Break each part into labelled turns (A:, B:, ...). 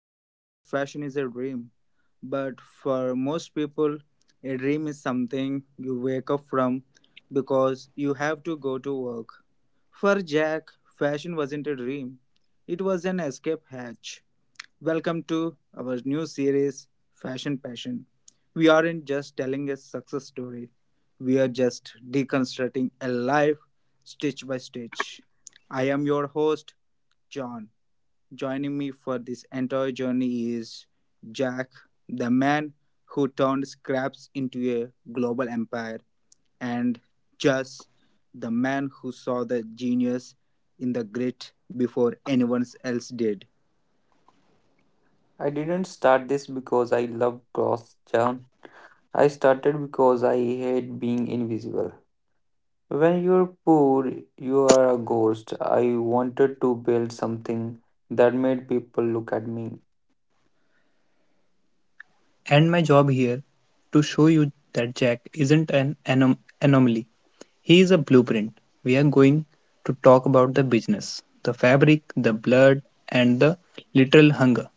A: they say fashion is a dream, but for most people, a dream is something you wake up from because you have to go to work. For Jack, fashion wasn't a dream, it was an escape hatch. Welcome to our new series, Fashion Passion. We aren't just telling a success story, we are just deconstructing a life stitch by stitch. I am your host, John. Joining me for this entire journey is Jack, the man who turned scraps into a global empire, and Jess, the man who saw the genius in the grit before anyone else did.
B: I didn't start this because I love cross town. I started because I hate being invisible. When you're poor, you are a ghost. I wanted to build something that made people look at me.
C: And my job here to show you that Jack isn't an anomaly. He is a blueprint. We are going to talk about the business, the fabric, the blood, and the literal hunger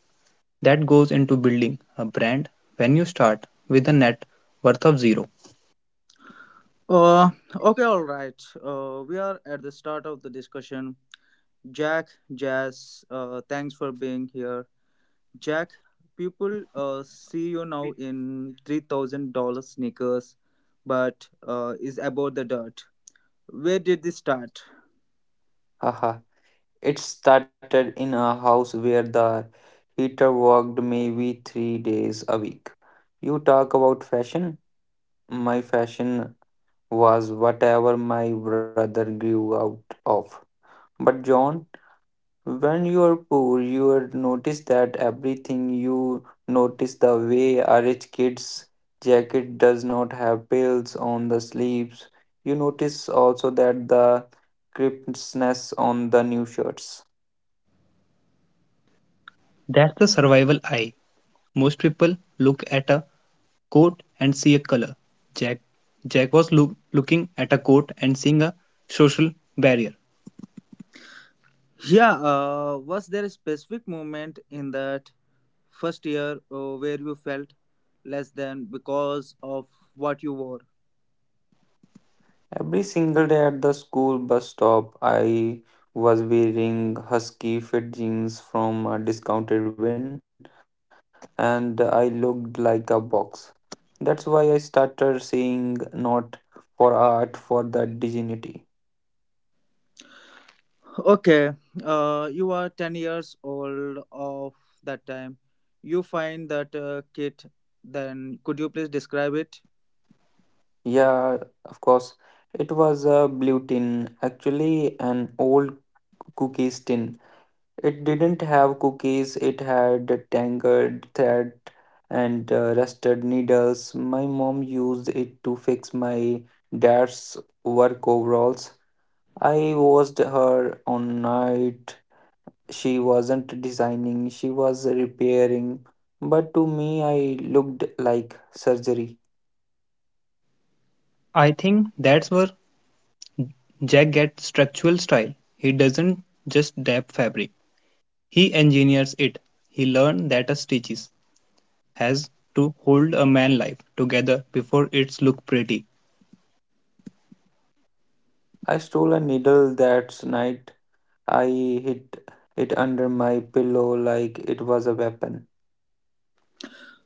C: that goes into building a brand when you start with a net worth of zero.
A: Okay, all right. We are at the start of the discussion. Jack, Jazz, thanks for being here. Jack, people see you now in $3,000 sneakers, but is about the dirt. Where did this start?
B: Haha. It started in a house where the heater worked maybe 3 days a week. You talk about fashion. My fashion was whatever my brother grew out of. But John, when you are poor, you are notice that everything you notice the way a rich kid's jacket does not have pills on the sleeves. You notice also that the crispness on the new shirts.
C: That's the survival eye. Most people look at a coat and see a color. Jack Jack was looking at a coat and seeing a social barrier.
A: Yeah, was there a specific moment in that first year where you felt less than because of what you wore?
B: Every single day at the school bus stop, I was wearing husky fit jeans from a discounted bin, and I looked like a box. That's why I started saying not for art, for the dignity.
A: Okay, you are 10 years old of that time. You find that kit, then could you please describe it?
B: Yeah, of course. It was a blue tin, actually an old cookies tin. It didn't have cookies, it had tangled thread and rusted needles. My mom used it to fix my dad's work overalls. I watched her on night. She wasn't designing, she was repairing. But to me, I looked like surgery.
C: I think that's where Jack gets structural style. He doesn't just dab fabric, he engineers it. He learned that a stitches has to hold a man life together before it's look pretty.
B: I stole a needle that night. I hid it under my pillow like it was a weapon.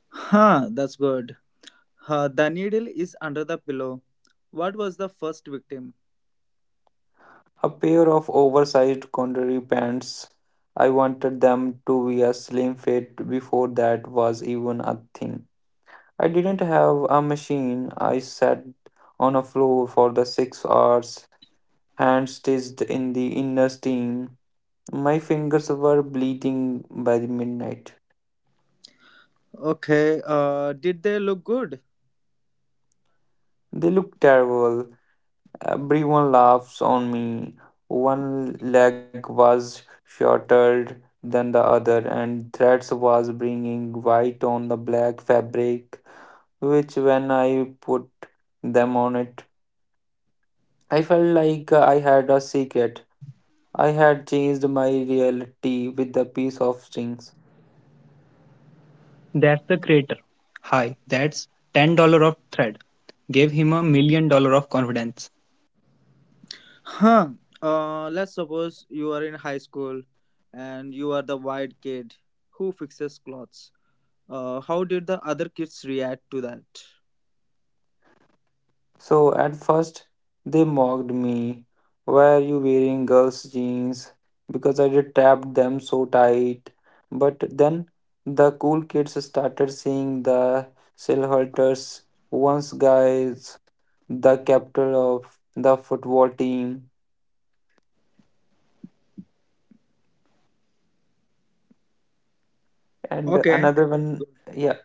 A: Huh, that's good. The needle is under the pillow. What was the first victim?
B: A pair of oversized contemporary pants. I wanted them to be a slim fit before that was even a thing. I didn't have a machine. I sat on a floor for the 6 hours, hand stitched in the inner steam. My fingers were bleeding by the midnight.
A: Okay, did they look good?
B: They looked terrible. Everyone laughs on me. One leg was shorter than the other, and threads was bringing white on the black fabric, which when I put them on it, I felt like I had a secret. I had changed my reality with a piece of string.
C: That's the creator. Hi, that's $10 of thread. Gave him a million dollars of confidence.
A: Huh. Let's suppose you are in high school and you are the white kid who fixes clothes. How did the other kids react to that?
B: So at first, they mocked me. Why are you wearing girls' jeans? Because I did tapped them so tight. But then the cool kids started seeing the Silhouetters, once guys, the captain of the football team, and
A: Okay,
B: another one. Yeah,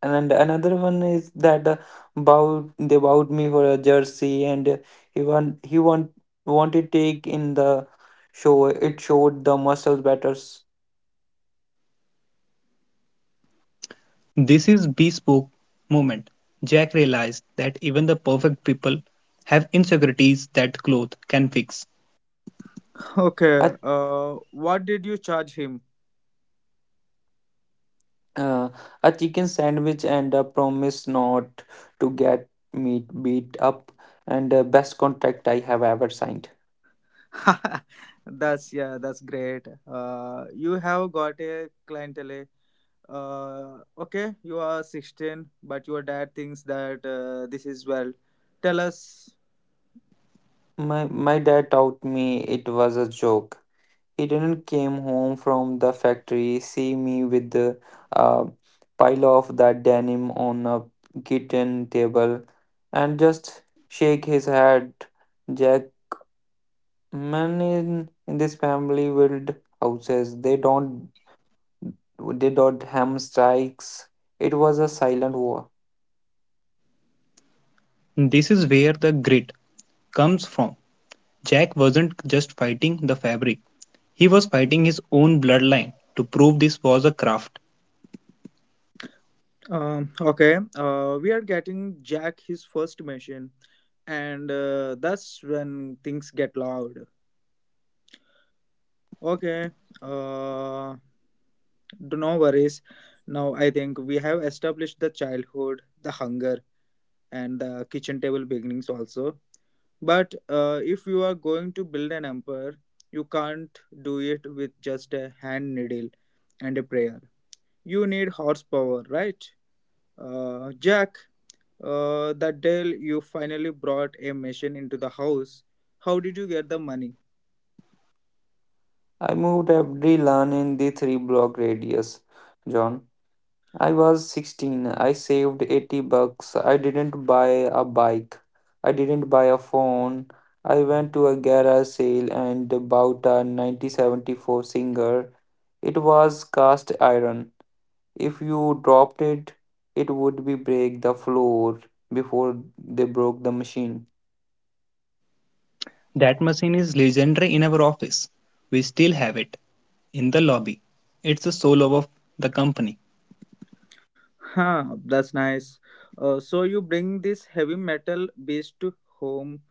B: and another one is that bowed, they bowed me for a jersey, and he wanted take in the showed the muscle batters.
C: This is bespoke moment. Jack realized that even the perfect people have insecurities that clothes can fix.
A: okay.
B: A,
A: What did you charge him?
B: uh, a chicken sandwich and a promise not to get me beat up, and best contract I have ever signed.
A: That's that's great. You have got a clientele. Okay, you are 16, but your dad thinks that this is well. Tell us.
B: My dad taught me it was a joke. He didn't came home from the factory, see me with the uh, pile of that denim on a kitchen table and just shake his head. Jack, men in this family build houses. They don't ham strikes. It was a silent war.
C: This is where the grit comes from. Jack wasn't just fighting the fabric, he was fighting his own bloodline to prove this was a craft.
A: Okay, we are getting Jack his first machine, and that's when things get loud. Okay, uh, do no worries. Now I think we have established the childhood, the hunger, and the kitchen table beginnings also. But if you are going to build an empire, you can't do it with just a hand needle and a prayer. You need horsepower, right? Jack, that day you finally brought a machine into the house. How did you get the money?
B: I moved every lawn in the three block radius, John. I was 16. I saved 80 bucks. I didn't buy a bike. I didn't buy a phone. I went to a garage sale and bought a 1974 Singer. It was cast iron. If you dropped it, it would be break the floor before they broke the machine.
C: That machine is legendary in our office. We still have it in the lobby. It's the soul of the company.
A: Huh, that's nice. So you bring this heavy metal beast to home.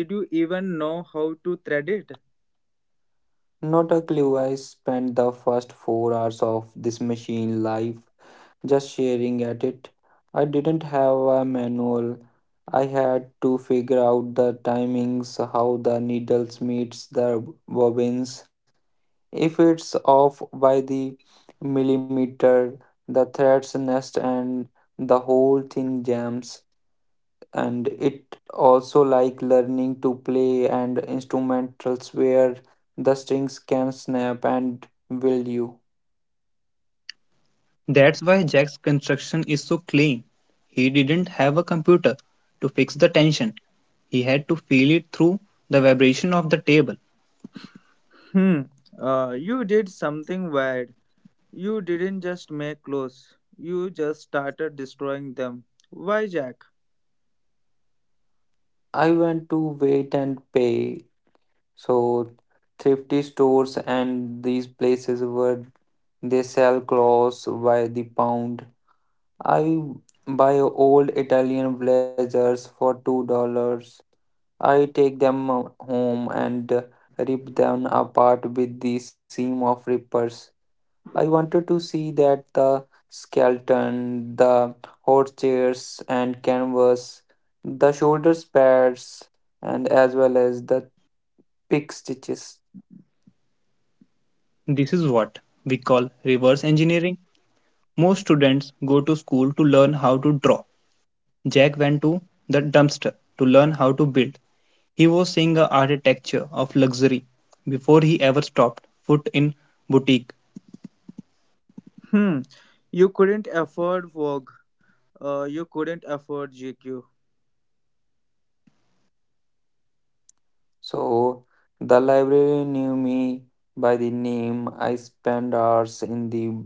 A: Did you even know how to thread it?
B: Not a clue. I spent the first 4 hours of this machine life just sharing at it. I didn't have a manual. I had to figure out the timings, how the needles meets the bobbins. If it's off by the millimeter, the threads nest and the whole thing jams. And it also like learning to play and instrumentals where the strings can snap and will you.
C: That's why Jack's construction is so clean. He didn't have a computer to fix the tension. He had to feel it through the vibration of the table.
A: Hmm. You did something wild. You didn't just make clothes, you just started destroying them. Why, Jack?
B: I went to wait and pay so thrifty stores and these places where they sell clothes by the pound. I buy old Italian blazers for $2. I take them home and rip them apart with the seam of rippers. I wanted to see that the skeleton, the horse and canvas, the shoulders pads, and as well as the pick stitches.
C: This is what we call reverse engineering. Most students go to school to learn how to draw. Jack went to the dumpster to learn how to build. He was seeing the architecture of luxury before he ever stopped foot in boutique.
A: Hmm, you couldn't afford Vogue. You couldn't afford GQ.
B: So the library knew me by the name. I spent hours in the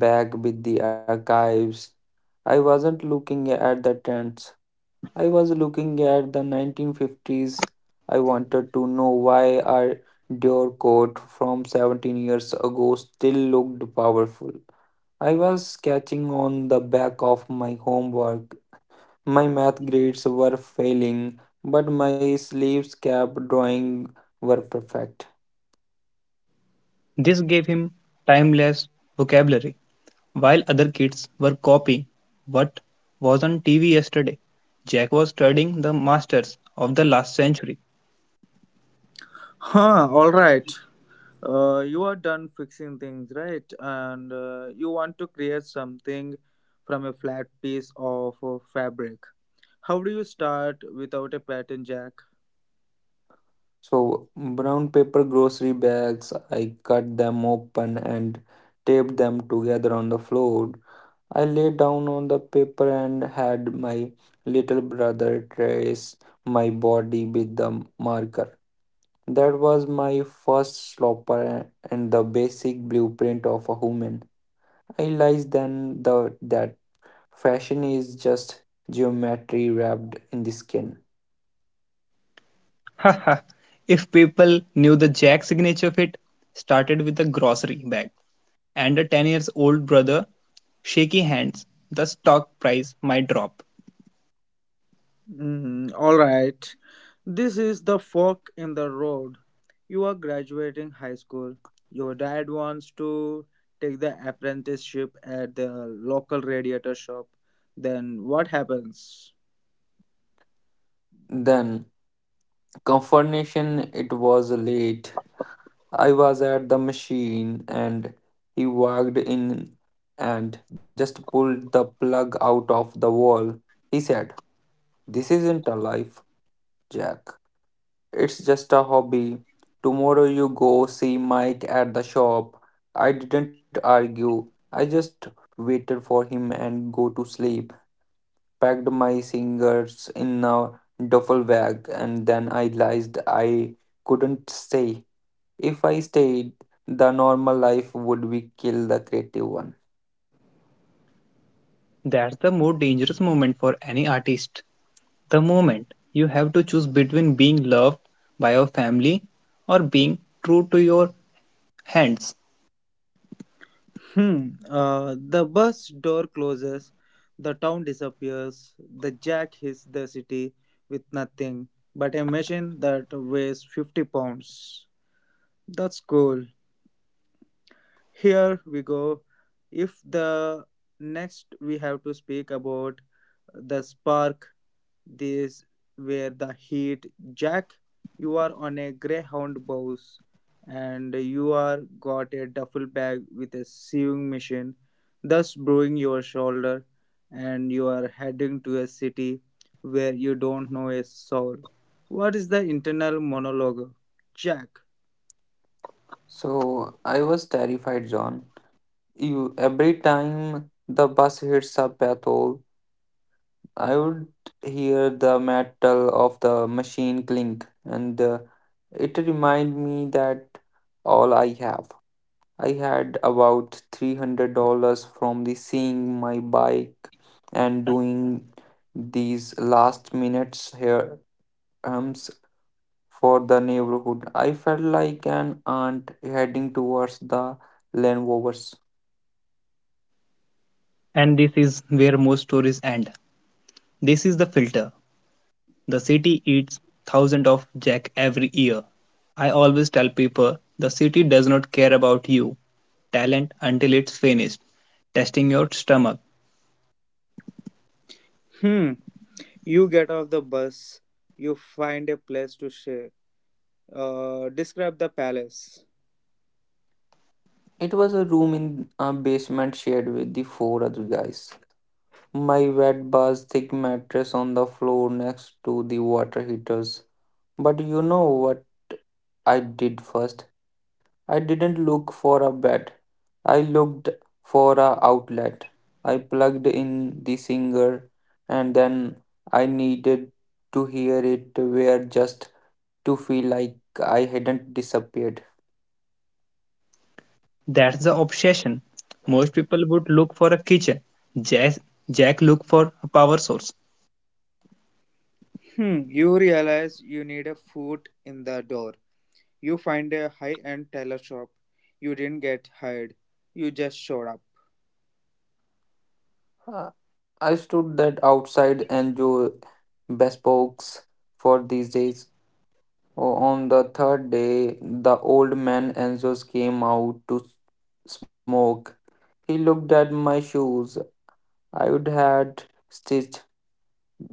B: back with the archives. I wasn't looking at the tents. I was looking at the 1950s. I wanted to know why our Dior coat from 17 years ago still looked powerful. I was sketching on the back of my homework, my math grades were failing, but my sleeves cap drawing were perfect.
C: This gave him timeless vocabulary. While other kids were copying what was on TV yesterday, Jack was studying the masters of the last century.
A: Huh, alright. You are done fixing things, right? And you want to create something from a flat piece of fabric. How do you start without a pattern, Jack?
B: So, brown paper grocery bags, I cut them open and taped them together on the floor. I lay down on the paper and had my little brother trace my body with the marker. That was my first slopper and the basic blueprint of a human. I realized then that fashion is just geometry wrapped in the skin.
C: Ha ha! If people knew the Jack signature fit started with a grocery bag and a 10 years old brother shaky hands, the stock price might drop.
A: Mhm, all right. This is the fork in the road. You are graduating high school. Your dad wants to take the apprenticeship at the local radiator shop. Then what happens?
B: Then, confirmation, it was late. I was at the machine and he walked in and just pulled the plug out of the wall. He said, "This isn't a life, Jack. It's just a hobby. Tomorrow you go see Mike at the shop." I didn't argue. I just waited for him and go to sleep, packed my singers in a duffel bag, and then I realized I couldn't stay. If I stayed, the normal life would be kill the creative one.
C: That's the more dangerous moment for any artist. The moment you have to choose between being loved by your family or being true to your hands.
A: Hmm. The bus door closes. The town disappears. The jack hits the city with nothing but a machine that weighs 50 pounds. That's cool. Here we go. If the next we have to speak about the spark, this where the heat. Jack, you are on a greyhound bus and you are got a duffel bag with a sewing machine, thus brewing your shoulder, and you are heading to a city where you don't know a soul. What is the internal monologue? Jack.
B: So I was terrified, John. You every time the bus hits a pothole, I would hear the metal of the machine clink, and it reminded me that all I have I had about $300 from the seeing my bike and doing these last minutes here hums for the neighborhood. I felt like an aunt heading towards the Lanovers.
C: And this is where most stories end. This is the filter. The city eats thousands of jack every year. I always tell people the city does not care about you talent until it's finished testing your stomach.
A: Hmm. You get off the bus, you find a place to stay. Describe the palace.
B: It was a room in a basement shared with the four other guys. My wet bar's thick mattress on the floor next to the water heaters. But you know what I did first? I didn't look for a bed. I looked for a outlet. I plugged in the singer and then I needed to hear it where just to feel like I hadn't disappeared.
C: That's the obsession. Most people would look for a kitchen. Jack, Jack look for a power source.
A: Hmm, you realize you need a foot in the door. You find a high end tailor shop. You didn't get hired, you just showed up.
B: Uh, I stood that outside and Joe bespoke for these days. On the third day, the old man Enzo's came out to smoke. He looked at my shoes. I would had stitched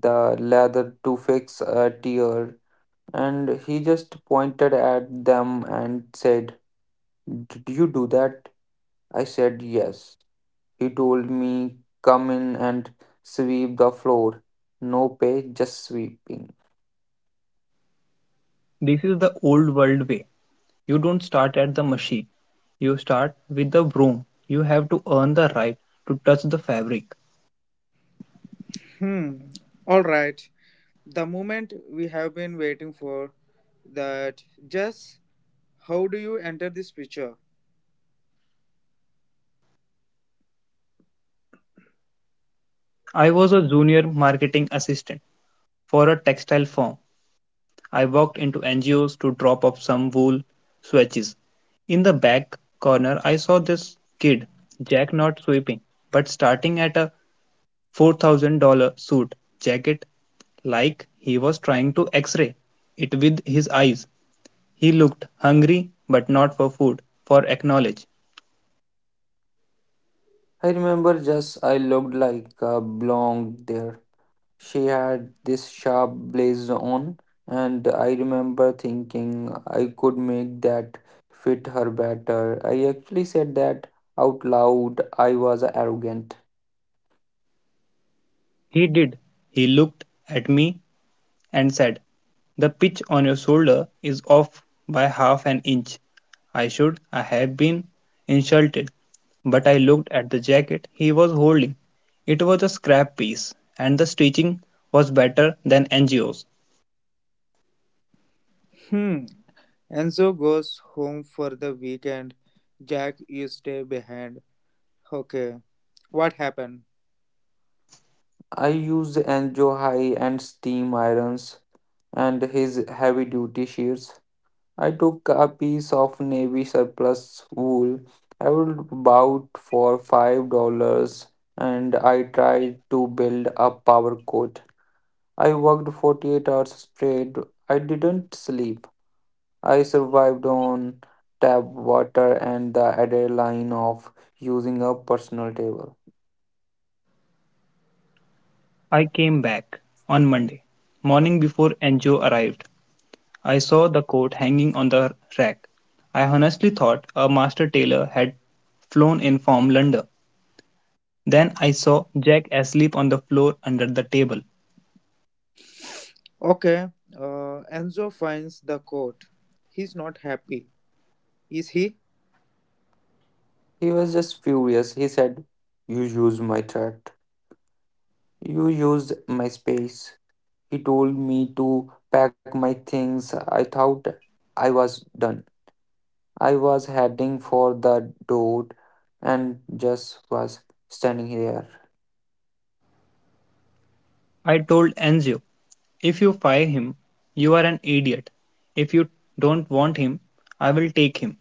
B: the lather to fix a tear, and he just pointed at them and said, "Did you do that?" I said yes. He told me, "Come in and sweep the floor. No pay, just sweeping."
C: This is the old world way. You don't start at the machine. You start with the broom. You have to earn the right to touch the fabric.
A: Hmm, alright. The moment we have been waiting for that, just how do you enter this picture?
C: I was a junior marketing assistant for a textile firm. I walked into NGOs to drop off some wool swatches. In the back corner, I saw this kid, Jack not sweeping, but starting at a $4,000 suit jacket like he was trying to x ray it with his eyes. He looked hungry, but not for food, for acknowledge.
B: I remember just I looked like a blonde there. She had this sharp blazer on, and I remember thinking I could make that fit her better. I actually said that out loud. I was arrogant.
C: He did. He looked at me and said, "The pitch on your shoulder is off by half an inch." I should I have been insulted, but I looked at the jacket he was holding. It was a scrap piece, and the stitching was better than Angio's.
A: Hmm, Enzo goes home for the weekend. Jack, you stay behind. Okay, what happened?
B: I used Enjo high and steam irons and his heavy duty shears. I took a piece of navy surplus wool I would bought for $5 and I tried to build a power coat. I worked 48 hours straight. I didn't sleep. I survived on tap water and the adrenaline of using a personal table.
C: I came back on Monday morning before NGO arrived. I saw the coat hanging on the rack. I honestly thought a master tailor had flown in from London. Then I saw Jack asleep on the floor under the table.
A: Okay, Enzo finds the coat. He's not happy, is he?
B: He was just furious. He said, "You used my chat. You used my space." He told me to pack my things. I thought I was done. I was heading for the door and just was standing here.
C: I told Anzio, if you fire him, you are an idiot. If you don't want him, I will take him.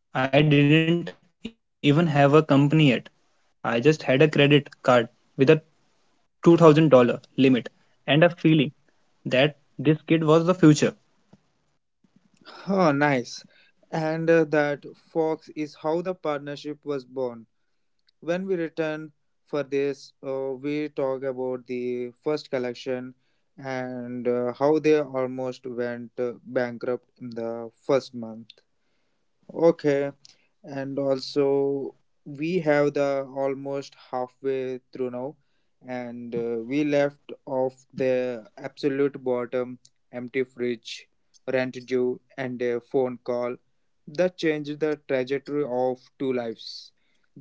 C: I didn't even have a company yet. I just had a credit card with a $2,000 limit and a feeling that this kid was the future.
A: Huh, nice. And that fox is how the partnership was born. When we return for this, we talk about the first collection and how they almost went bankrupt in the first month. Okay. And also we have the almost halfway through now and we left off the absolute bottom, empty fridge, rent due, and a phone call that changed the trajectory of two lives.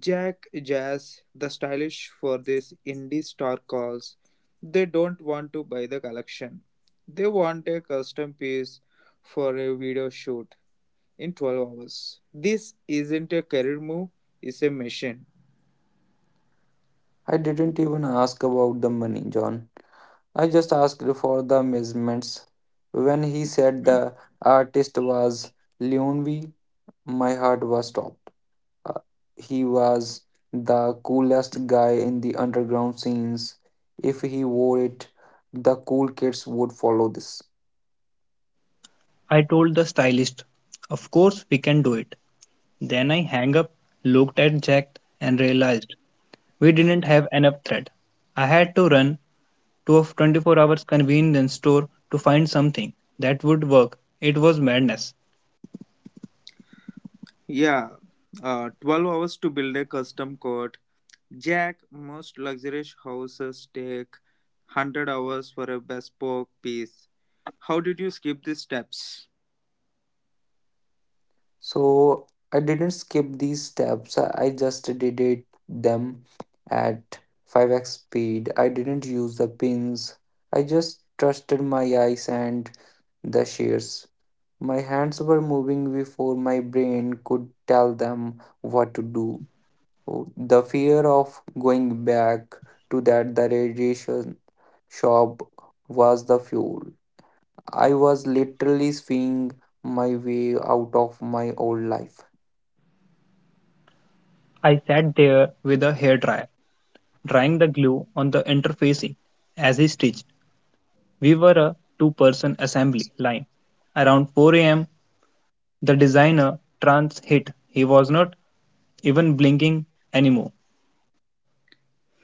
A: Jack, Jazz, the stylish for this indie star calls. They don't want to buy the collection, they want a custom piece for a video shoot in 12 hours. This isn't a career move, it's a mission.
B: I didn't even ask about the money, John. I just asked for the measurements. When he said the artist was Leonvi, my heart was stopped. Uh, he was the coolest guy in the underground scenes. If he wore it, the cool kids would follow this.
C: I told the stylist, of course we can do it. Then I hung up, looked at Jack, and realized we didn't have enough thread. I had to run to a 24 hours convenience store to find something that would work. It was madness.
A: Yeah, 12 hours to build a custom court. Jack, most luxurious houses take 100 hours for a bespoke piece. How did you skip these steps?
B: So I didn't skip these steps. I just did it them at 5x speed. I didn't use the pins. I just trusted my eyes and the shears. My hands were moving before my brain could tell them what to do. The fear of going back to that the radiation shop was the fuel. I was literally seeing my way out of my old life.
C: I sat there with a hairdryer, drying the glue on the interfacing as he stitched. We were a two-person assembly line. Around 4 a.m., the designer trance hit. He was not even blinking anymore.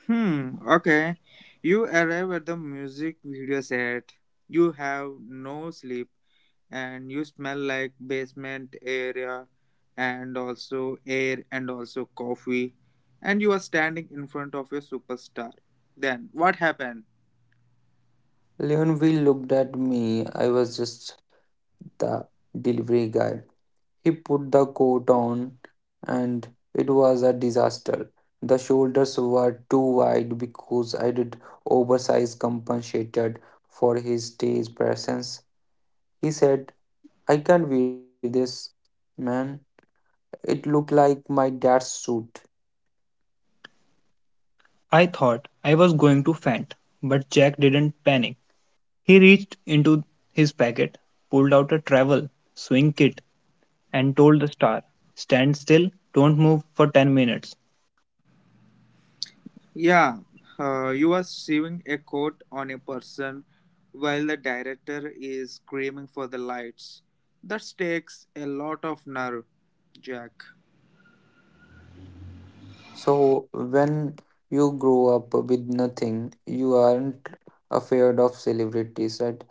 A: Hmm, okay. You arrive at the music video set. You have no sleep. And you smell like basement area and also air and also coffee, and you are standing in front of a superstar. Then what happened?
B: Leonville looked at me. I was just the delivery guy. He put the coat on, and it was a disaster. The shoulders were too wide because I did oversized compensated for his stage presence. He said, "I can't wear this, man. It looked like my dad's suit."
C: I thought I was going to faint, but Jack didn't panic. He reached into his packet, pulled out a travel swing kit, and told the star, "Stand still, don't move for 10 minutes."
A: Yeah, you are sewing a coat on a person while the director is screaming for the lights. That takes a lot of nerve, Jack.
B: So, when you grow up with nothing, you aren't afraid of celebrities, right?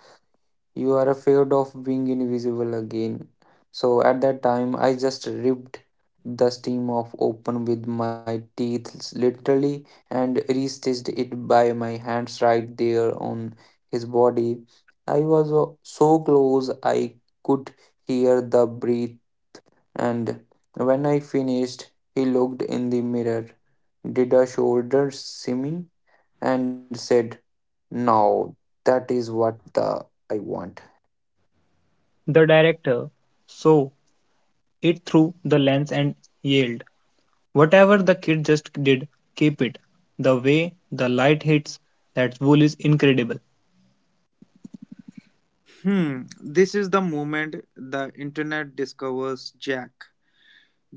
B: You are afraid of being invisible again. So at that time, I just ripped the steam off open with my teeth, literally, and restitched it by my hands right there on his body. I was so close, I could hear the breath, and when I finished, he looked in the mirror, did a shoulder shimmy, and said, "Now that is what the I want."
C: The director saw it through the lens and yelled, "Whatever the kid just did, keep it. The way the light hits that wool is incredible."
A: Hmm, this is the moment the internet discovers Jack.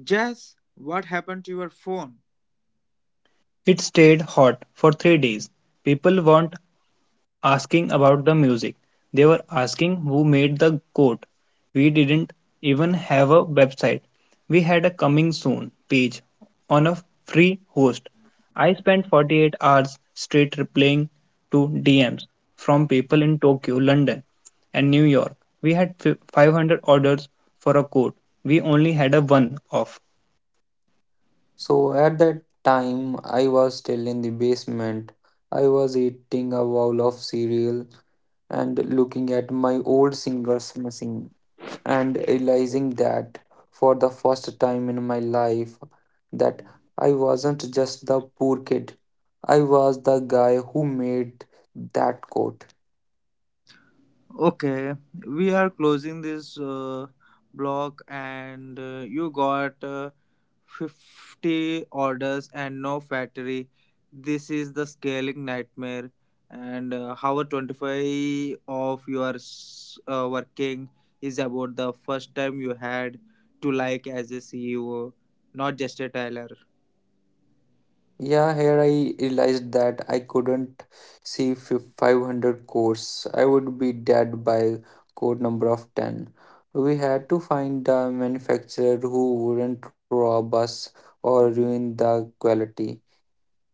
A: Jess, what happened to your phone?
C: It stayed hot for 3 days. People want asking about the music. They were asking who made the coat. We didn't even have a website. We had a coming soon page on a free host. I spent 48 hours straight replying to DMs from people in Tokyo, London, and New York. We had 500 orders for a coat. We only had a one off.
B: So at that time, I was still in the basement. I was eating a bowl of cereal and looking at my old singer's machine and realizing that for the first time in my life that I wasn't just the poor kid. I was the guy who made that coat.
A: Okay, we are closing this block, and you got 50 orders and no factory. This is the scaling nightmare. And hour 25 of your working is about the first time you had to like as a CEO, not just a tyler.
B: Yeah, here I realized that I couldn't see 500 codes. I would be dead by code number of 10. We had to find a manufacturer who wouldn't rob us or ruin the quality.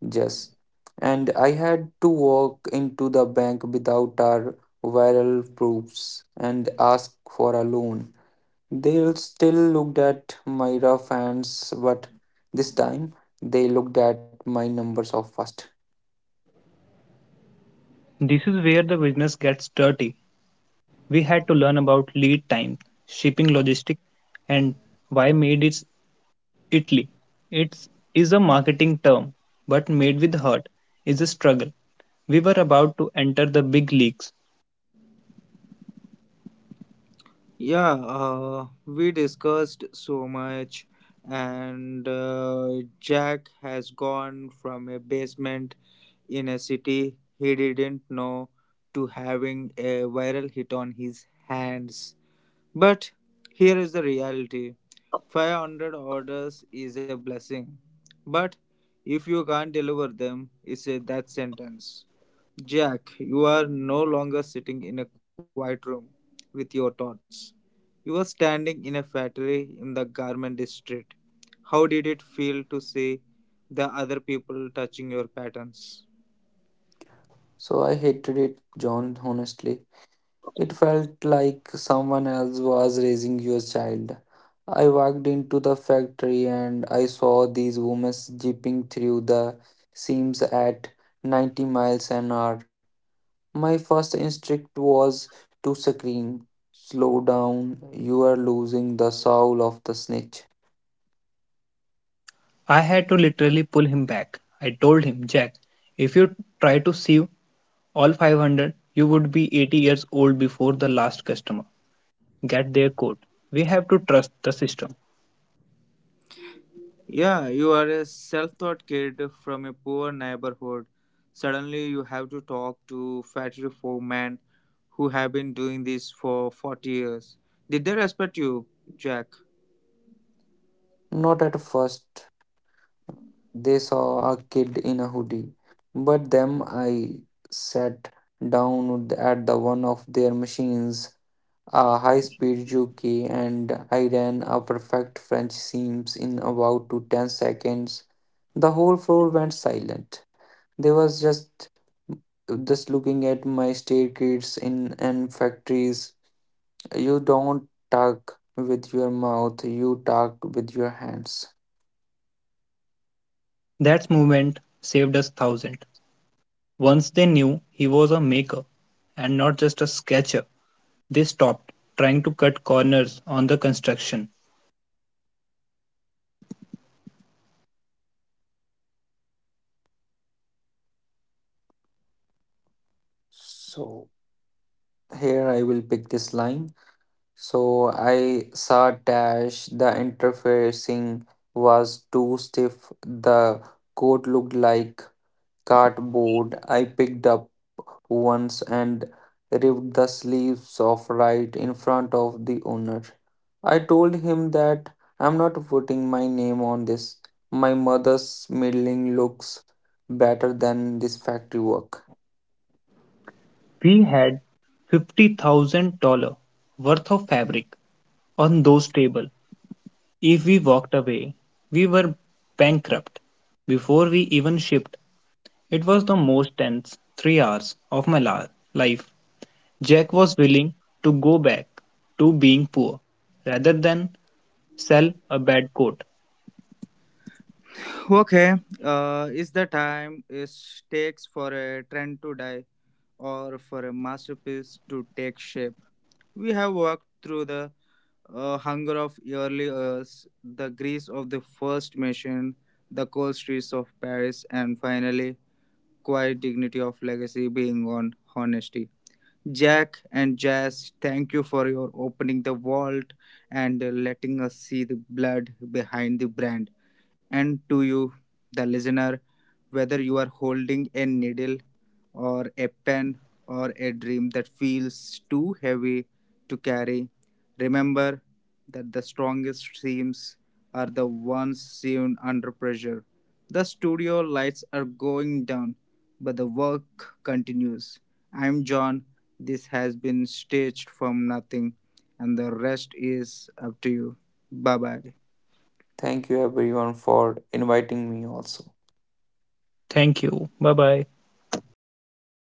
B: Just. And I had to walk into the bank without our viral proofs and ask for a loan. They still looked at my rough hands, but this time they looked at my numbers of first.
C: This is where the business gets dirty. We had to learn about lead time, shipping logistics, and why made it Italy. It's is a marketing term, but made with heart is a struggle. We were about to enter the big leagues.
A: Yeah, we discussed so much, and Jack has gone from a basement in a city he didn't know to having a viral hit on his hands. But here is the reality: 500 orders is a blessing, but if you can't deliver them, it's a death sentence. Jack, you are no longer sitting in a quiet room with your thoughts. You are standing in a factory in the garment district. How did it feel to see the other people touching your patterns?
B: So I hated it, John, honestly. It felt like someone else was raising your child. I walked into the factory and I saw these women jeeping through the seams at 90 miles an hour. My first instinct was to scream, "Slow down, you are losing the soul of the snitch."
C: I had to literally pull him back. I told him, "Jack, if you try to sieve all 500, you would be 80 years old before the last customer. Get their code. We have to trust the system."
A: Yeah, you are a self taught kid from a poor neighborhood. Suddenly, you have to talk to factory foremen who have been doing this for 40 years. Did they respect you, Jack?
B: Not at first, they saw a kid in a hoodie, but them I sat down at the one of their machines, a high-speed jockey, and I ran a perfect French seams in about to 10 seconds. The whole floor went silent. They was just looking at my staircase in and factories. You don't talk with your mouth, you talk with your hands.
C: That movement saved us thousand. Once they knew he was a maker and not just a sketcher, they stopped trying to cut corners on the construction.
B: So here I will pick this line. So I saw dash the interfacing was too stiff. The coat looked like cardboard. I picked up once and ripped the sleeves off right in front of the owner. I told him that I'm not putting my name on this. My mother's middling looks better than this factory work.
C: We had $50,000 worth of fabric on those tables. If we walked away, we were bankrupt. Before we even shipped, it was the most tense 3 hours of my life. Jack was willing to go back to being poor rather than sell a bad coat.
A: Okay, is the time it takes for a trend to die or for a masterpiece to take shape? We have walked through the hunger of early years, the grease of the first machine, the cold streets of Paris, and finally, quiet dignity of legacy being on honesty. Jack and Jazz, thank you for your opening the vault and letting us see the blood behind the brand. And to you, the listener, whether you are holding a needle or a pen or a dream that feels too heavy to carry, remember that the strongest teams are the ones seen under pressure. The studio lights are going down, but the work continues. I'm John. This has been staged from nothing, and the rest is up to you. Bye bye.
B: Thank you everyone for inviting me also.
C: Thank you. Bye bye.